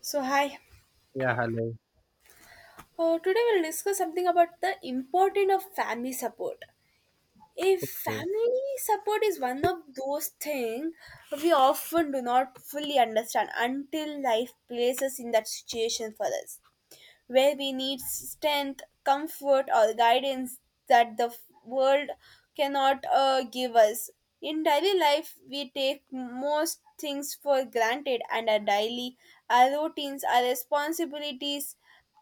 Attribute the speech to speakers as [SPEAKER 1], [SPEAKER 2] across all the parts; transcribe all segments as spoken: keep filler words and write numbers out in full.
[SPEAKER 1] So, hi.
[SPEAKER 2] Yeah, hello.
[SPEAKER 1] Uh, today we'll discuss something about the importance of family support. A
[SPEAKER 2] Okay.
[SPEAKER 1] family support is one of those things we often do not fully understand until life places in that situation for us, where we need strength, comfort, or guidance that the f- world cannot uh, give us. In daily life, we take most things for granted, and our daily, our routines, our responsibilities,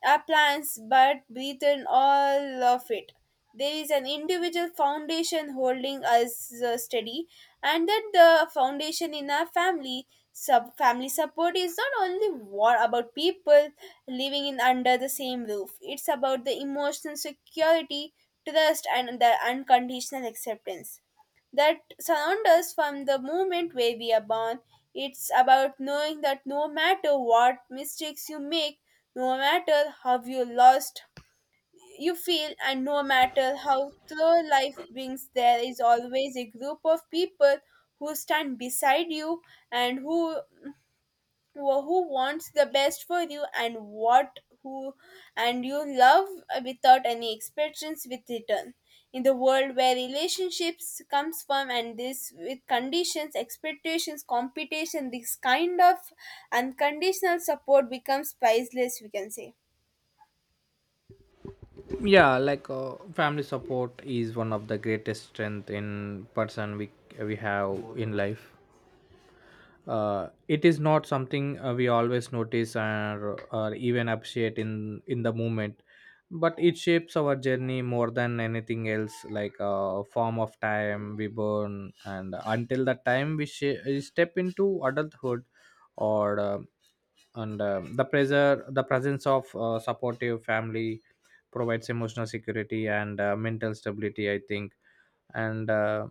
[SPEAKER 1] our plans, but breathe in all of it there is an individual foundation holding us uh, steady, and that the foundation in our family sub family support is not only war about people living in under the same roof. It's about the emotional security, trust and the unconditional acceptance that surround us from the moment where we are born. It's about knowing that no matter what mistakes you make, no matter how you lost, you feel and no matter how through life brings there is always a group of people who stand beside you and who who who wants the best for you and what who and you love without any expectations with return in the world where relationships comes from and this with conditions expectations competition this kind of unconditional support becomes priceless, we can say.
[SPEAKER 2] yeah like uh, Family support is one of the greatest strength in person we we have in life. Uh, it is not something uh, we always notice or, or even appreciate in in the moment, but it shapes our journey more than anything else, like a form of time we burn and until the time we sh- step into adulthood or uh, and uh, the pressure, the presence of uh, supportive family provides emotional security and uh, mental stability, I think. And uh,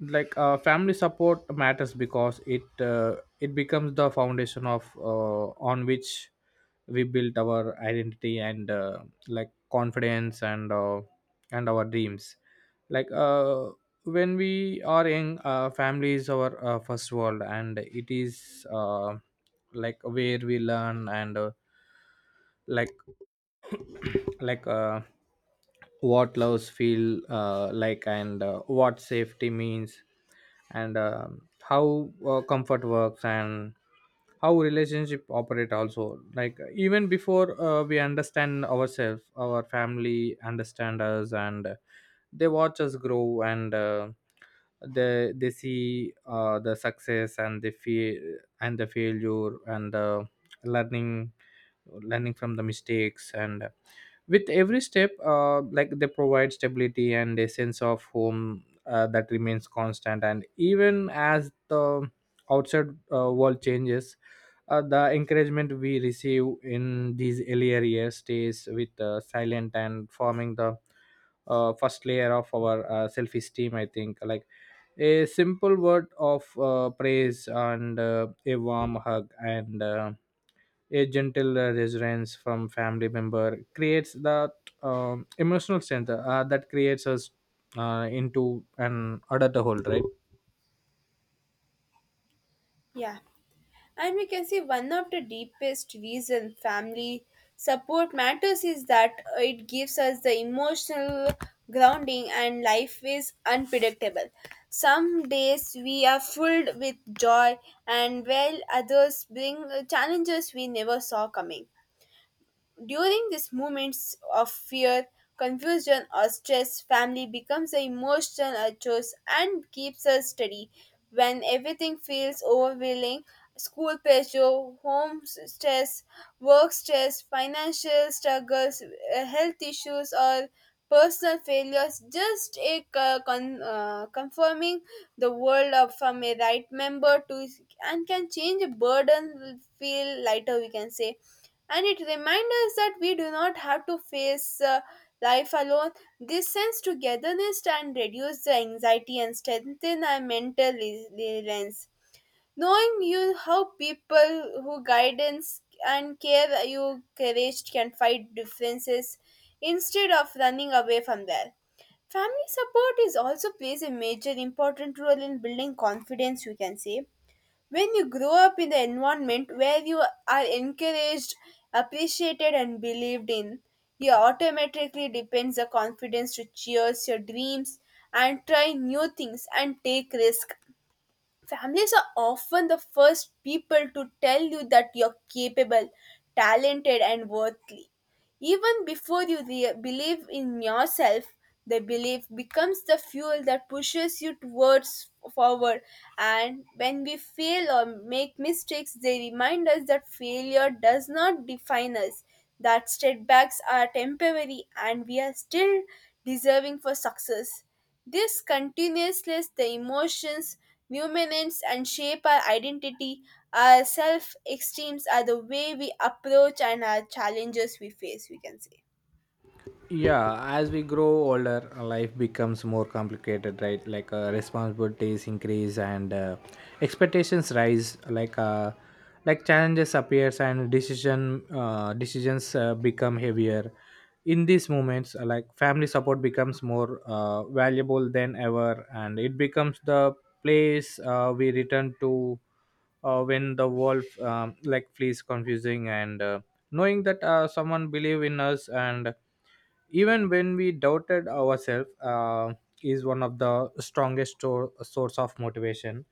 [SPEAKER 2] like uh, Family support matters because it uh, it becomes the foundation of, uh, on which we build our identity, and uh, like confidence, and uh, and our dreams. like uh, when we are young, uh, family is our uh, first world, and it is, uh, like where we learn, and uh, like like uh, what loves feel uh, like, and uh, what safety means, and um how uh, comfort works, and how relationship operate also. Like, even before uh, we understand ourselves, our family understand us, and they watch us grow, and uh, they they see uh, the success and the fear and the failure and the learning, learning from the mistakes. And with every step, uh, like, they provide stability and a sense of home uh, that remains constant, and even as the outside uh, world changes, uh, the encouragement we receive in these earlier years stays with uh, silent and forming the uh, first layer of our uh, self-esteem, I think. Like, a simple word of uh, praise, and uh, a warm hug, and uh, a gentle uh, reassurance from family member creates that um, emotional strength uh, that creates us uh, into an adulthood, right?
[SPEAKER 1] Yeah. And we can see one of the deepest reason family support matters is that uh, it gives us the emotional grounding, and life is unpredictable. Some days we are filled with joy and while others bring uh, challenges we never saw coming. During these moments of fear, confusion, or stress, family becomes the emotional anchors and keeps us steady. When everything feels overwhelming, school pressure, home stress, work stress, financial struggles, uh, health issues, or personal failures, just a co- con- uh, confirming the world of from a right member to and can change a burden will feel lighter, we can say, and it reminds us that we do not have to face uh, life alone. This sense togetherness can reduce the anxiety and strengthen our mental re- resilience. Knowing you how people who guidance and care you courage can fight differences instead of running away from them. Family support is also plays a major important role in building confidence, we can say. When you grow up in the environment where you are encouraged, appreciated, and believed in, you automatically depends the confidence to chase your dreams and try new things and take risk. Families are often the first people to tell you that you're capable, talented, and worthy. Even before you re- believe in yourself, the belief becomes the fuel that pushes you towards forward. And when we fail or make mistakes, they remind us that failure does not define us, that setbacks are temporary, and we are still deserving for success. This continuousness, the emotions, numinance and shape our identity, our self esteems are the way we approach and our challenges we face, we can say.
[SPEAKER 2] Yeah, as we grow older, uh, life becomes more complicated, right? Like, uh, responsibilities increase and uh, expectations rise. Like uh, like challenges appears and decision uh, decisions uh, become heavier. In these moments, uh, like, family support becomes more uh, valuable than ever, and it becomes the place uh, we return to uh, when the world um, like, feels confusing. And uh, knowing that uh, someone believe in us, and even when we doubted ourselves, uh, is one of the strongest stor- source of motivation.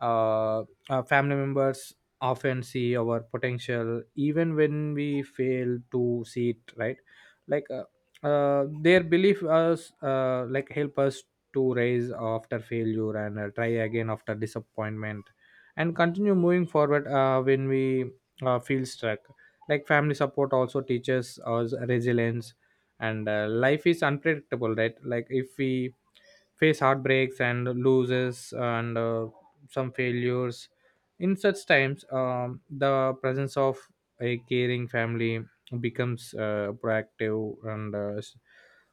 [SPEAKER 2] uh, our family members often see our potential even when we fail to see it, right? like uh, uh, their belief us, uh, like, help us to rise after failure, and uh, try again after disappointment, and continue moving forward uh, when we uh, feel stuck. Like, family support also teaches us resilience, and uh, life is unpredictable, right? Like, if we face heartbreaks and loses, and uh, some failures. In such times, um, the presence of a caring family becomes uh, proactive, and uh, s-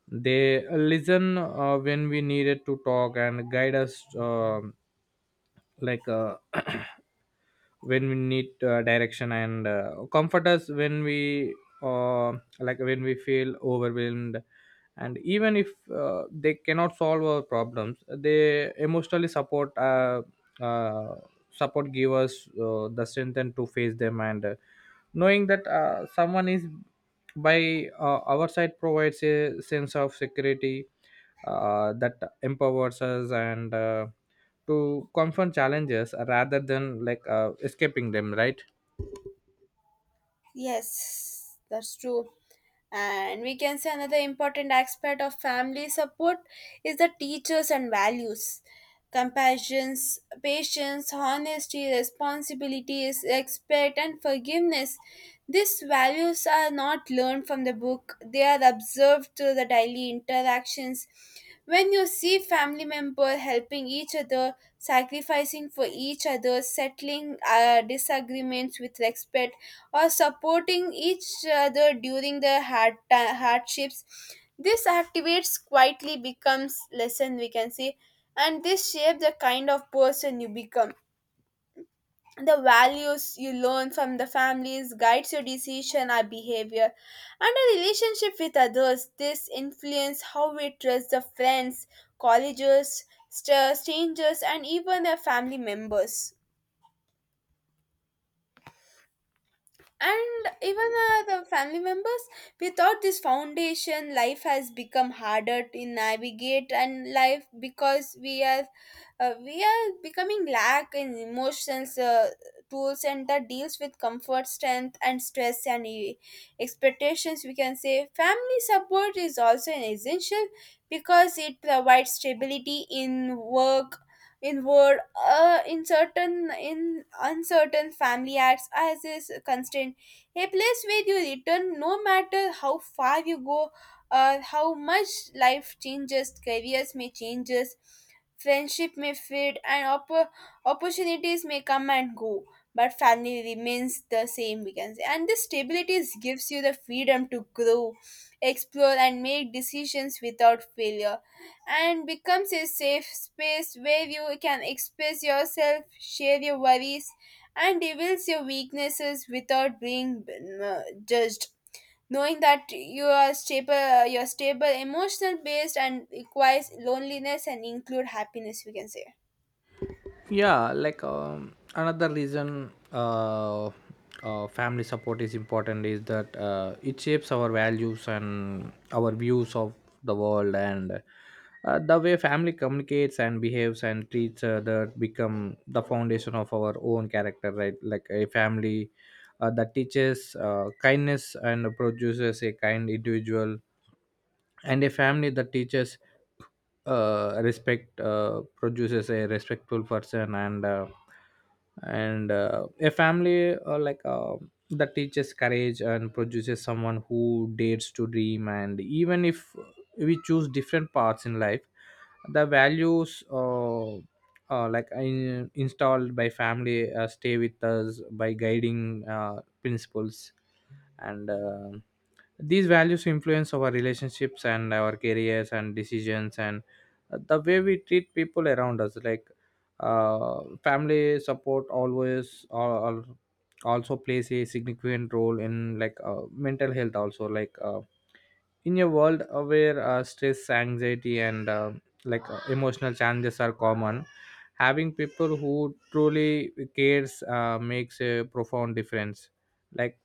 [SPEAKER 2] they listen uh, when we needed to talk, and guide us, um like uh, when we need uh, direction, and uh, comfort us when we, uh, like, when we feel overwhelmed. And even if uh, they cannot solve our problems, they emotionally support uh, uh, support, give us uh, the strength and to face them. And uh, knowing that uh, someone is by uh, our side provides a sense of security uh, that empowers us, and uh, to confront challenges rather than, like, uh, escaping them, right?
[SPEAKER 1] Yes, that's true. And we can say another important aspect of family support is the teachers and values, compassion, patience, honesty, responsibilities, respect and forgiveness. These values are not learned from the book, they are observed through the daily interactions when you see family member helping each other, sacrificing for each other, settling uh, disagreements with respect, or supporting each other during the hard ti- hardships. This activates quietly becomes lesson, we can say, and this shape the kind of person you become. The values you learn from the families guides your decision or behavior and a relationship with others. This influence how we trust the friends, colleagues, st- strangers and even the family members, and even uh, the family members. Without this foundation life has become harder to navigate and life because we are uh, we are becoming lack in emotions uh, tools and that deals with comfort strength and stress and e- expectations, we can say. Family support is also an essential because it provides stability in work inward, uh, in certain in uncertain family acts as is constrained, a place where you return no matter how far you go, uh, how much life changes. Careers may changes, friendship may fade and opp- opportunities may come and go, but family remains the same, we can say, and this stability gives you the freedom to grow, explore and make decisions without failure, and becomes a safe space where you can express yourself, share your worries, and reveal your weaknesses without being uh, judged. Knowing that you are stable, you're stable, emotional based, and requires loneliness and include happiness, we can say.
[SPEAKER 2] Yeah like um, another reason uh, uh, family support is important is that uh, it shapes our values and our views of the world. And uh, the way family communicates and behaves and treats other become the foundation of our own character, right? Like, a family uh, that teaches uh, kindness and produces a kind individual, and a family that teaches uh, respect uh, produces a respectful person, and uh, and uh, a family, uh, like uh, that teaches courage and produces someone who dares to dream. And even if we choose different paths in life, the values, uh, uh, like in, installed by family uh, stay with us by guiding uh, principles. And uh, these values influence our relationships and our careers and decisions, and uh, the way we treat people around us. Like uh, family support always al- al- also plays a significant role in, like uh, mental health also. Like uh, in a world uh, where uh, stress, anxiety, and uh, like uh, emotional challenges are common, having people who truly cares uh, makes a profound difference. like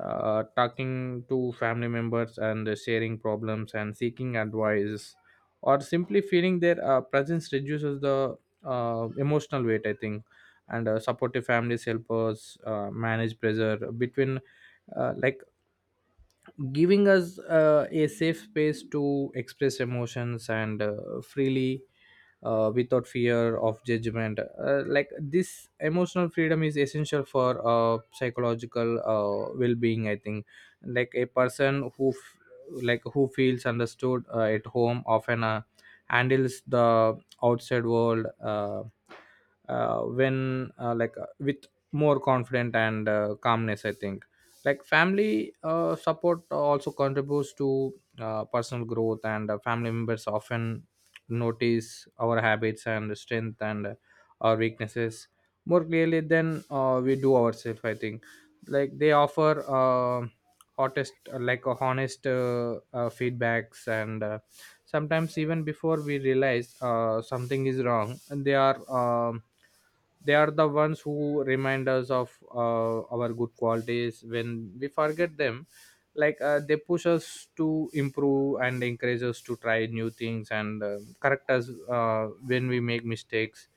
[SPEAKER 2] uh, Talking to family members, and sharing problems, and seeking advice, or simply feeling their uh, presence reduces the uh, emotional weight, I think. And uh, supportive families help us uh, manage pressure between, uh, like giving us uh, a safe space to express emotions, and uh, freely, uh, without fear of judgment. Uh, like, this emotional freedom is essential for uh, psychological uh, well-being, I think. Like, a person who f- like who feels understood uh, at home often uh, handles the outside world, uh, uh, when uh, like uh, with more confident and uh, calmness, I think. Like, family uh, support also contributes to uh, personal growth, and uh, family members often notice our habits and strength, and uh, our weaknesses more clearly than uh, we do ourselves, I think. Like, they offer, uh, hottest uh, like a honest, uh, uh, feedbacks. And uh, sometimes even before we realize uh, something is wrong, and they are um, they are the ones who remind us of uh, our good qualities when we forget them. Like, uh, they push us to improve and encourage us to try new things, and uh, correct us uh, when we make mistakes.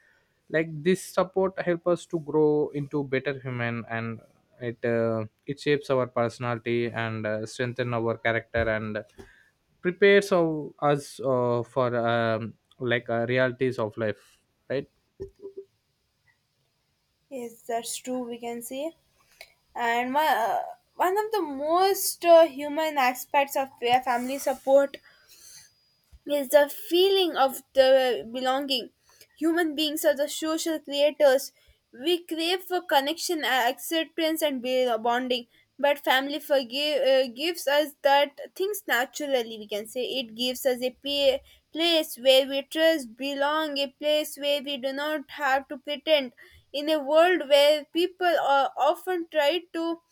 [SPEAKER 2] Like, this support help us to grow into better human, and it uh, it shapes our personality, and uh, strengthen our character, and prepares of us uh, for um, like uh, realities of life, right?
[SPEAKER 1] Yes, that's true, we can say. And one, uh, one of the most uh, human aspects of fa- family support is the feeling of the belonging. Human beings are the social creators. We crave for connection, a- acceptance, and be- bonding. But family forgive, uh, gives us that things naturally, we can say. It gives us a pa- place where we trust, belong, a place where we do not have to pretend. In a world where people are often try to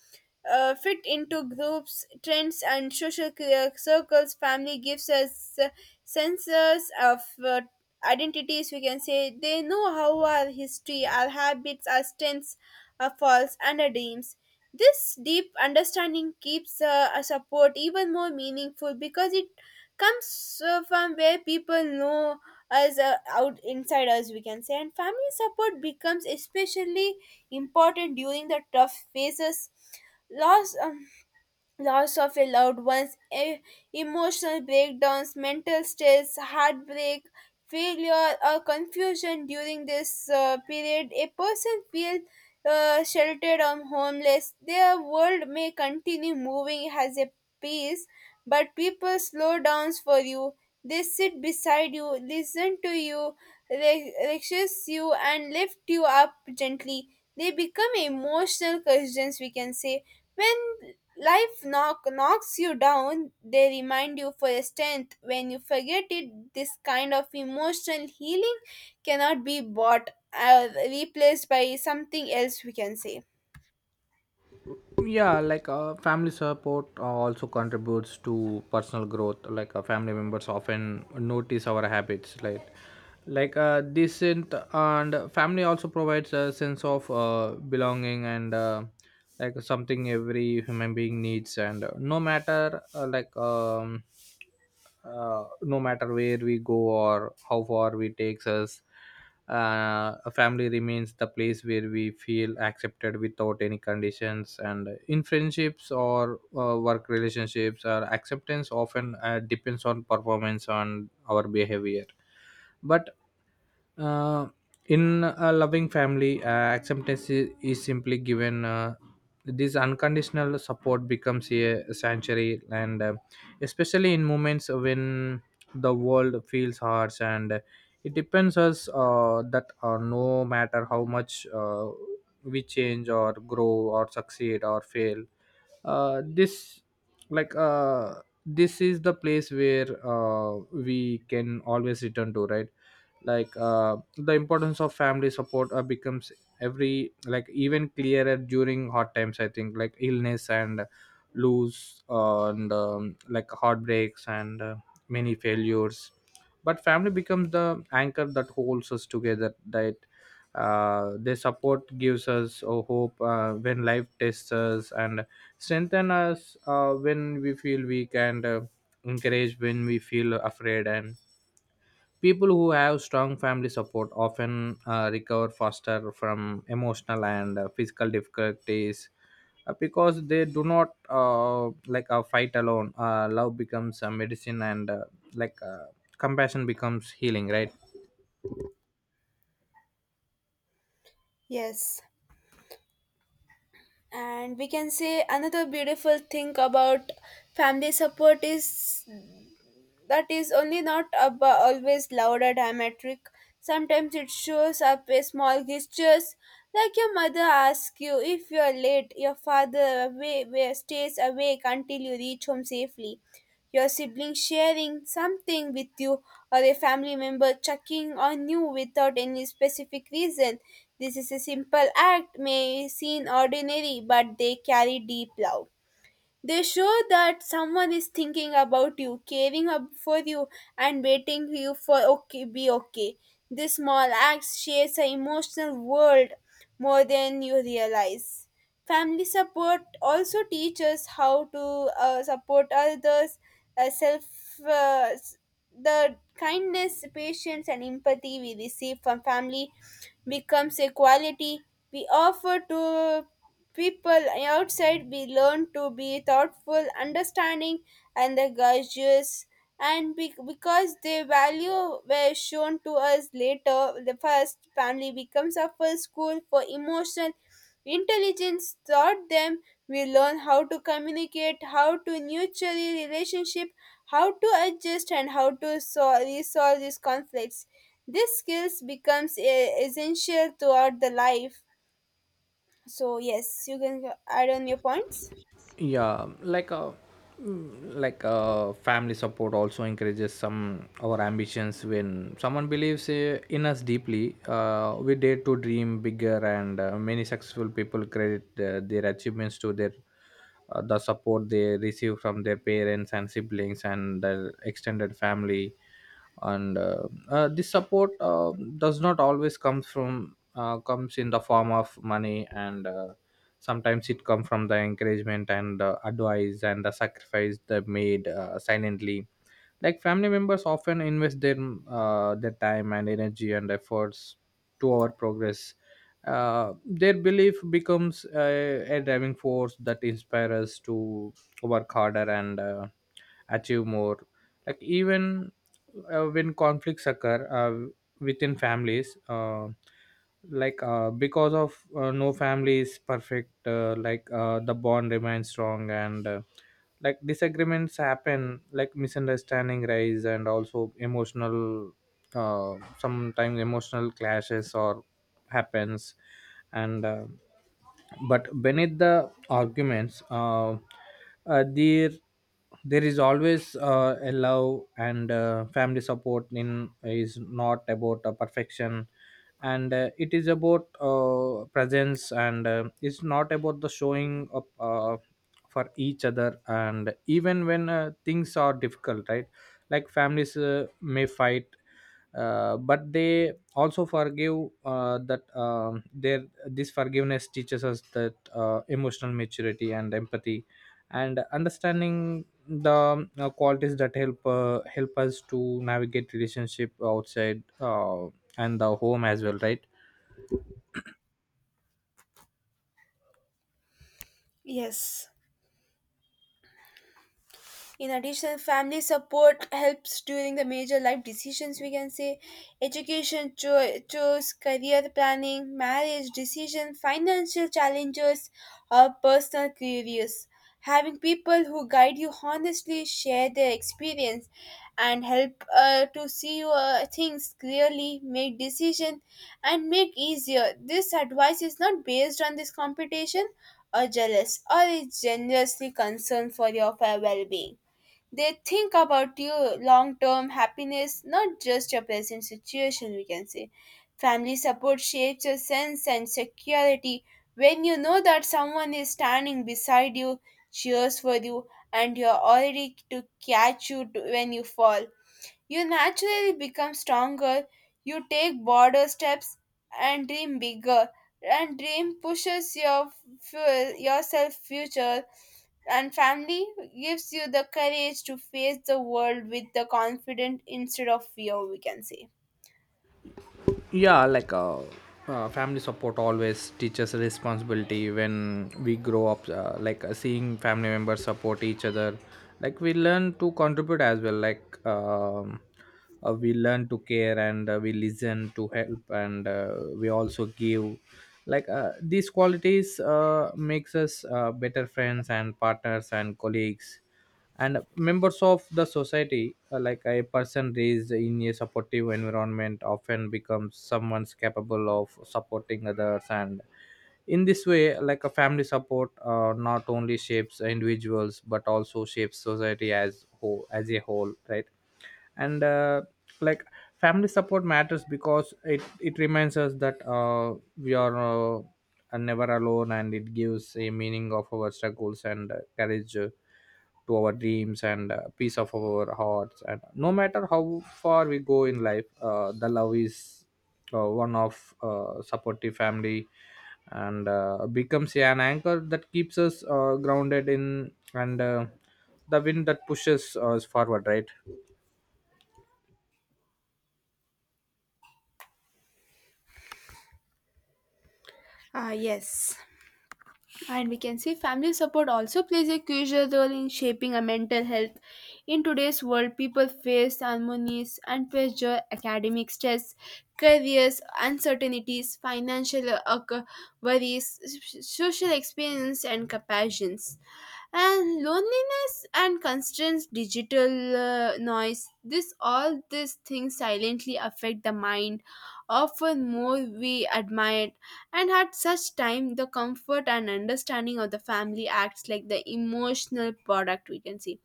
[SPEAKER 1] uh, fit into groups, trends, and social cir- circles. Family gives us uh, senses of uh, identities, we can say. They know how our history, our habits, our strengths, our faults, and our dreams. This deep understanding keeps uh, a support even more meaningful because it comes uh, from where people know us uh, out inside us, we can say, and family support becomes especially important during the tough phases. Loss, um, loss of a loved one's e- emotional breakdowns, mental stress, heartbreak, failure, or confusion during this uh, period. A person feels uh, sheltered or homeless. Their world may continue moving as a piece, but people slow down for you. They sit beside you, listen to you, re- reassure you, and lift you up gently. They become emotional cushions, we can say, when life knock, knocks you down, they remind you for your strength. When you forget it, this kind of emotional healing cannot be bought, or replaced by something else, we can say.
[SPEAKER 2] yeah like uh, Family support uh, also contributes to personal growth. Like, uh, family members often notice our habits. Like like uh, decent and family also provides a sense of uh, belonging, and uh, like, something every human being needs. And uh, no matter uh, like um, uh, no matter where we go or how far we takes us, uh, a family remains the place where we feel accepted without any conditions. And in friendships or uh, work relationships, our acceptance often uh, depends on performance, on our behavior. But uh, in a loving family, uh, acceptance is, is simply given. Uh, this unconditional support becomes a sanctuary, and uh, especially in moments when the world feels harsh, and it depends us uh, that, uh, no matter how much uh, we change or grow or succeed or fail, uh, this like uh, this is the place where uh, we can always return to, right? Like, uh, the importance of family support uh, becomes every like even clearer during hard times, I think. Like, illness, and lose, uh, and um, like, heartbreaks, and uh, many failures. But family becomes the anchor that holds us together, that uh, their support gives us a hope uh, when life tests us, and strengthen us uh, when we feel weak, and uh, encourage when we feel afraid. And people who have strong family support often uh, recover faster from emotional and uh, physical difficulties, uh, because they do not, uh, like uh, fight alone. Uh, love becomes a medicine, and uh, like uh, compassion becomes healing, right?
[SPEAKER 1] Yes. And we can say another beautiful thing about family support is that is only not ab- always loud or dramatic. Sometimes it shows up as small gestures, like your mother asks you if you are late, your father away, wa- stays awake until you reach home safely, your sibling sharing something with you, or a family member checking on you without any specific reason. This is a simple act, may seem ordinary, but they carry deep love. They show that someone is thinking about you, caring up for you, and waiting for you for okay be okay. This small act shapes an emotional world more than you realize. Family support also teaches how to uh, support others, uh, self uh, s- the kindness, patience, and empathy we receive from family becomes a quality we offer to people outside be learn to be thoughtful, understanding, and the gracious, and be- because their value were shown to us later, the first family becomes our first school for emotional intelligence. Taught them, we learn how to communicate, how to nurture a relationship, how to adjust, and how to sol- resolve these conflicts. These skills becomes e- essential throughout the life. So yes, you can add on your points.
[SPEAKER 2] yeah like a like a Family support also encourages some our ambitions. When someone believes uh, in us deeply, uh, we dare to dream bigger. And uh, many successful people credit uh, their achievements to their, uh, the support they receive from their parents and siblings and their extended family. And uh, uh, This support uh, does not always comes from uh, comes in the form of money. And uh, sometimes it comes from the encouragement, and uh, advice, and the sacrifice they made uh, silently. Like, family members often invest their uh, their time and energy and efforts to our progress. Uh, their belief becomes uh, a driving force that inspires us to work harder, and uh, achieve more. Like, even uh, when conflicts occur uh, within families, uh, like uh, because of, uh, no family is perfect. Uh, like uh, the bond remains strong, and uh, like, disagreements happen, like misunderstanding rise, and also emotional, uh, sometimes emotional clashes or happens. And uh, but beneath the arguments, uh, uh, there there is always uh, a love. And uh, family support in is not about a perfection, and uh, it is about uh, presence, and uh, it's not about the showing up, uh, for each other and even when uh, things are difficult, right? Like, families uh, may fight, uh, but they also forgive, uh, that um, there this forgiveness teaches us that uh, emotional maturity and empathy and understanding the uh, qualities that help uh, help us to navigate relationship outside, uh, and the home as well, right?
[SPEAKER 1] Yes. In addition, family support helps during the major life decisions, we can say, education, cho- choice, career planning, marriage decision, financial challenges, or personal queries. Having people who guide you honestly, share their experience, and help uh, to see uh, things clearly, make decision, and make easier. This advice is not based on this competition or jealous or is generously concerned for your well being. They think about your long term happiness, not just your present situation, we can say. Family support shapes your sense and security. When you know that someone is standing beside you, cheers for you, and you're already to catch you to- when you fall, you naturally become stronger. You take bolder steps and dream bigger. And dream pushes your fu- yourself future and family gives you the courage to face the world with the confidence instead of fear, we can say.
[SPEAKER 2] yeah like uh, uh, Family support always teaches responsibility. When we grow up, uh, like, uh, Seeing family members support each other, like we learn to contribute as well. Like um, uh, we learn to care, and uh, we listen to help, and uh, we also give. Like uh, these qualities uh, makes us uh, better friends and partners and colleagues and members of the society. Uh, like a person raised in a supportive environment often becomes someone's capable of supporting others, and in this way, like a family support uh, not only shapes individuals but also shapes society as whole as a whole, right? and uh, like Family support matters because it it reminds us that uh, we are uh, never alone, and it gives a meaning of our struggles, and uh, courage to our dreams, and uh, peace of our hearts. And no matter how far we go in life, uh, the love is uh, one of uh, supportive family, and uh, becomes an anchor that keeps us uh, grounded in, and uh, the wind that pushes us forward, right?
[SPEAKER 1] Ah, yes. And we can say family support also plays a crucial role in shaping a mental health. In today's world, people face harmonies and pressure, academic stress, careers, uncertainties, financial uh, c- worries, s- social experience, and comparisons. And loneliness and constraints, digital uh, noise, this all these things silently affect the mind, often more we admire, and at such time, the comfort and understanding of the family acts like the emotional product, we can see.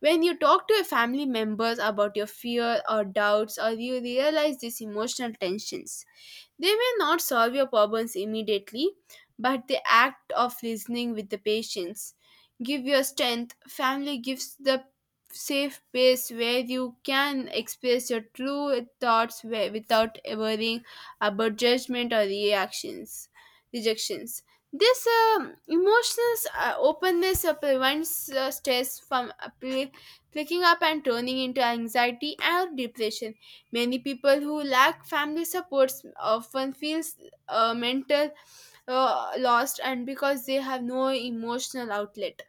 [SPEAKER 1] When you talk to your family members about your fear or doubts, or you realize these emotional tensions, they may not solve your problems immediately, but the act of listening with the patience give your strength. Family gives the safe place where you can express your true thoughts wi- without worrying about judgment or reactions, rejections. This um emotional uh, openness uh, prevents uh, stress from uh, pl- picking up and turning into anxiety and depression. Many people who lack family supports often feels uh, mental uh, lost and because they have no emotional outlet.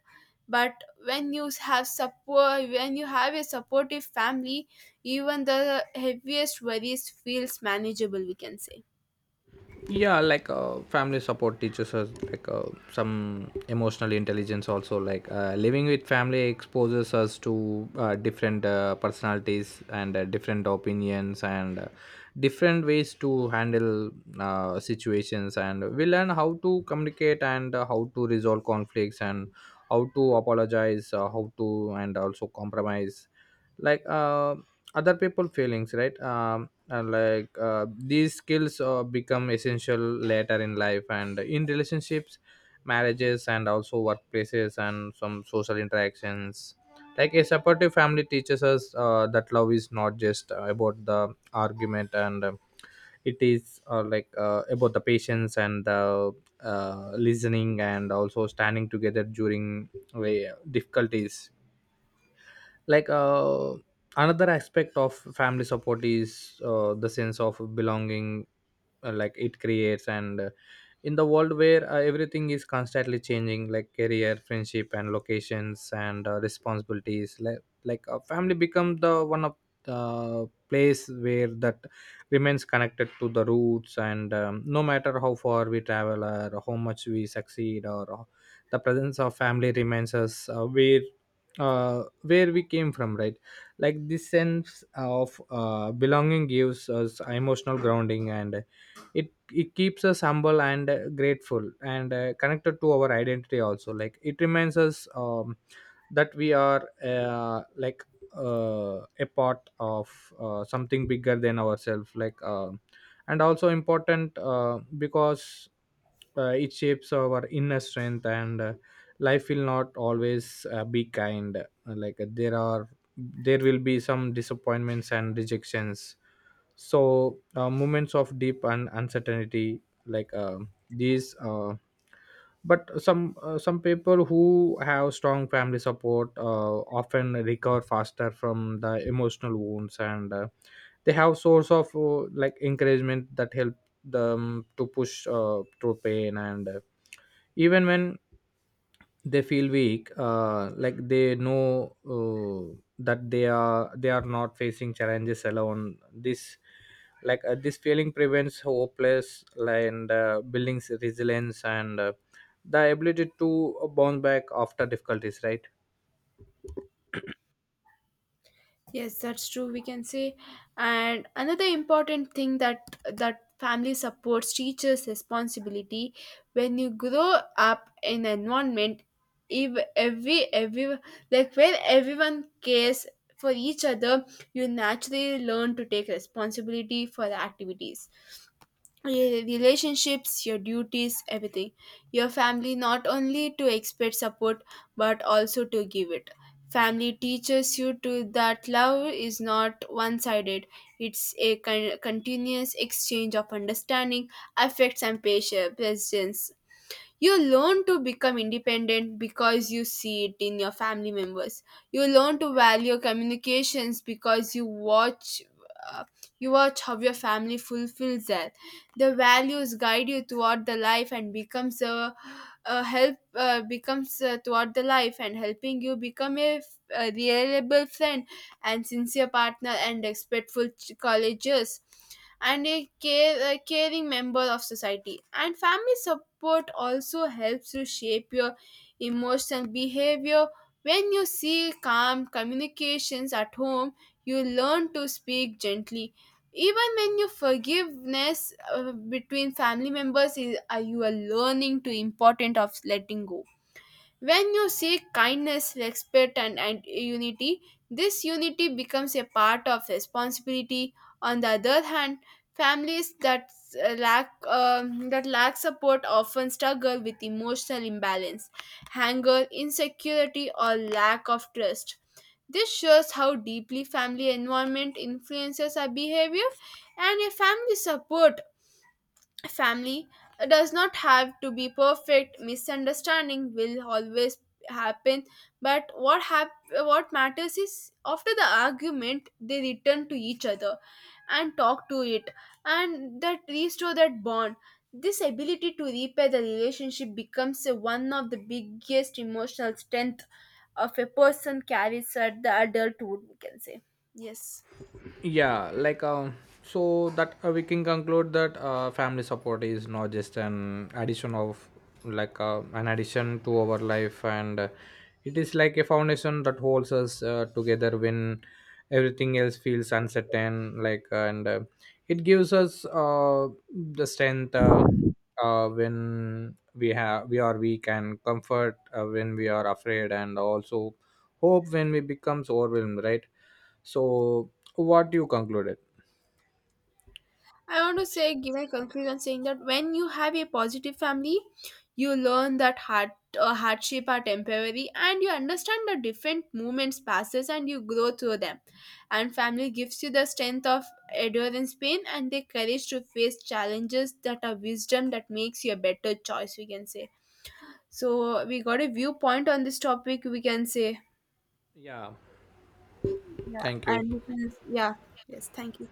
[SPEAKER 1] But when you have support, when you have a supportive family, even the heaviest worries feels manageable, we can say.
[SPEAKER 2] Yeah like uh, Family support teaches us, like uh, some emotional intelligence also. Like uh, living with family exposes us to uh, different uh, personalities, and uh, different opinions, and uh, different ways to handle uh, situations. And we learn how to communicate, and uh, how to resolve conflicts, and how to apologize, uh, how to, and also compromise, like uh, other people feelings, right? um, and like uh, These skills uh, become essential later in life, and in relationships, marriages, and also workplaces, and some social interactions. Like a supportive family teaches us uh, that love is not just uh, about the argument, and um it is, uh, like uh, about the patience and the uh, listening, and also standing together during uh, difficulties. Like uh, another aspect of family support is uh, the sense of belonging uh, like it creates, and uh, in the world where uh, everything is constantly changing, like career, friendship, and locations, and uh, responsibilities. Like, like a family becomes the one of the place where that remains connected to the roots. And um, No matter how far we travel, or how much we succeed, or uh, the presence of family reminds us uh, where uh, where we came from, right? Like this sense of uh, belonging gives us emotional grounding, and it it keeps us humble, and uh, grateful, and uh, connected to our identity also. Like it reminds us um, that we are, uh, like uh, a part of uh, something bigger than ourselves. Like uh, and also important, uh, because uh, it shapes our inner strength, and uh, life will not always uh, be kind. Uh, like uh, there are there will be some disappointments and rejections, so uh, moments of deep and uncertainty. Like um these uh, but some uh, Some people who have strong family support uh, often recover faster from the emotional wounds, and uh, they have source of, uh, like encouragement that help them to push uh, through pain, and uh, even when they feel weak, uh, like they know uh, that they are they are not facing challenges alone. This like uh, this feeling prevents hopeless, and uh, buildings resilience, and uh, the ability to bounce back after difficulties, right?
[SPEAKER 1] Yes, that's true, we can say, and another important thing that that family supports teachers' responsibility. When you grow up in an environment, if every every like where everyone cares for each other, you naturally learn to take responsibility for the activities, your relationships, your duties, everything. Your family not only to expect support but also to give it. Family teaches you to that love is not one-sided. It's a con- continuous exchange of understanding, affects and patience. You learn to become independent because you see it in your family members. You learn to value communications because you watch uh, you watch how your family fulfills that. The values guide you throughout the life and becomes a, a help uh, becomes uh, throughout the life and helping you become a, f- a reliable friend and sincere partner and respectful ch- colleges and a care, a caring member of society. And family support also helps to shape your emotional behavior. When you see calm communications at home, you learn to speak gently. Even when you forgiveness uh, between family members is are you are learning to important of letting go. When you seek kindness, respect, and, and unity, this unity becomes a part of responsibility. On the other hand, families that uh, lack um, that lack support often struggle with emotional imbalance, anger, insecurity, or lack of trust. This shows how deeply family environment influences our behavior, and a family support family does not have to be perfect. Misunderstanding will always happen, but what hap- what matters is after the argument they return to each other and talk to it and that restore that bond. This ability to repair the relationship becomes a- one of the biggest emotional strength of a person carries at the adulthood, we can say. Yes.
[SPEAKER 2] Yeah like um So that uh, we can conclude that uh, family support is not just an addition of, like uh, an addition to our life, and uh, it is like a foundation that holds us uh, together when everything else feels uncertain. Like uh, and uh, It gives us uh, the strength uh, uh, when we have we are weak, and comfort uh, when we are afraid, and also hope when we becomes overwhelmed, right? So, what you concluded?
[SPEAKER 1] I want to say, give a conclusion saying that when you have a positive family, you learn that hard, uh, hardship are temporary and you understand the different moments passes and you grow through them. And family gives you the strength of endurance pain and the courage to face challenges that are wisdom that makes you a better choice, we can say. So we got a viewpoint on this topic, we can say.
[SPEAKER 2] Yeah,
[SPEAKER 1] Yeah,
[SPEAKER 2] thank you.
[SPEAKER 1] and we can, yeah, yes, thank you.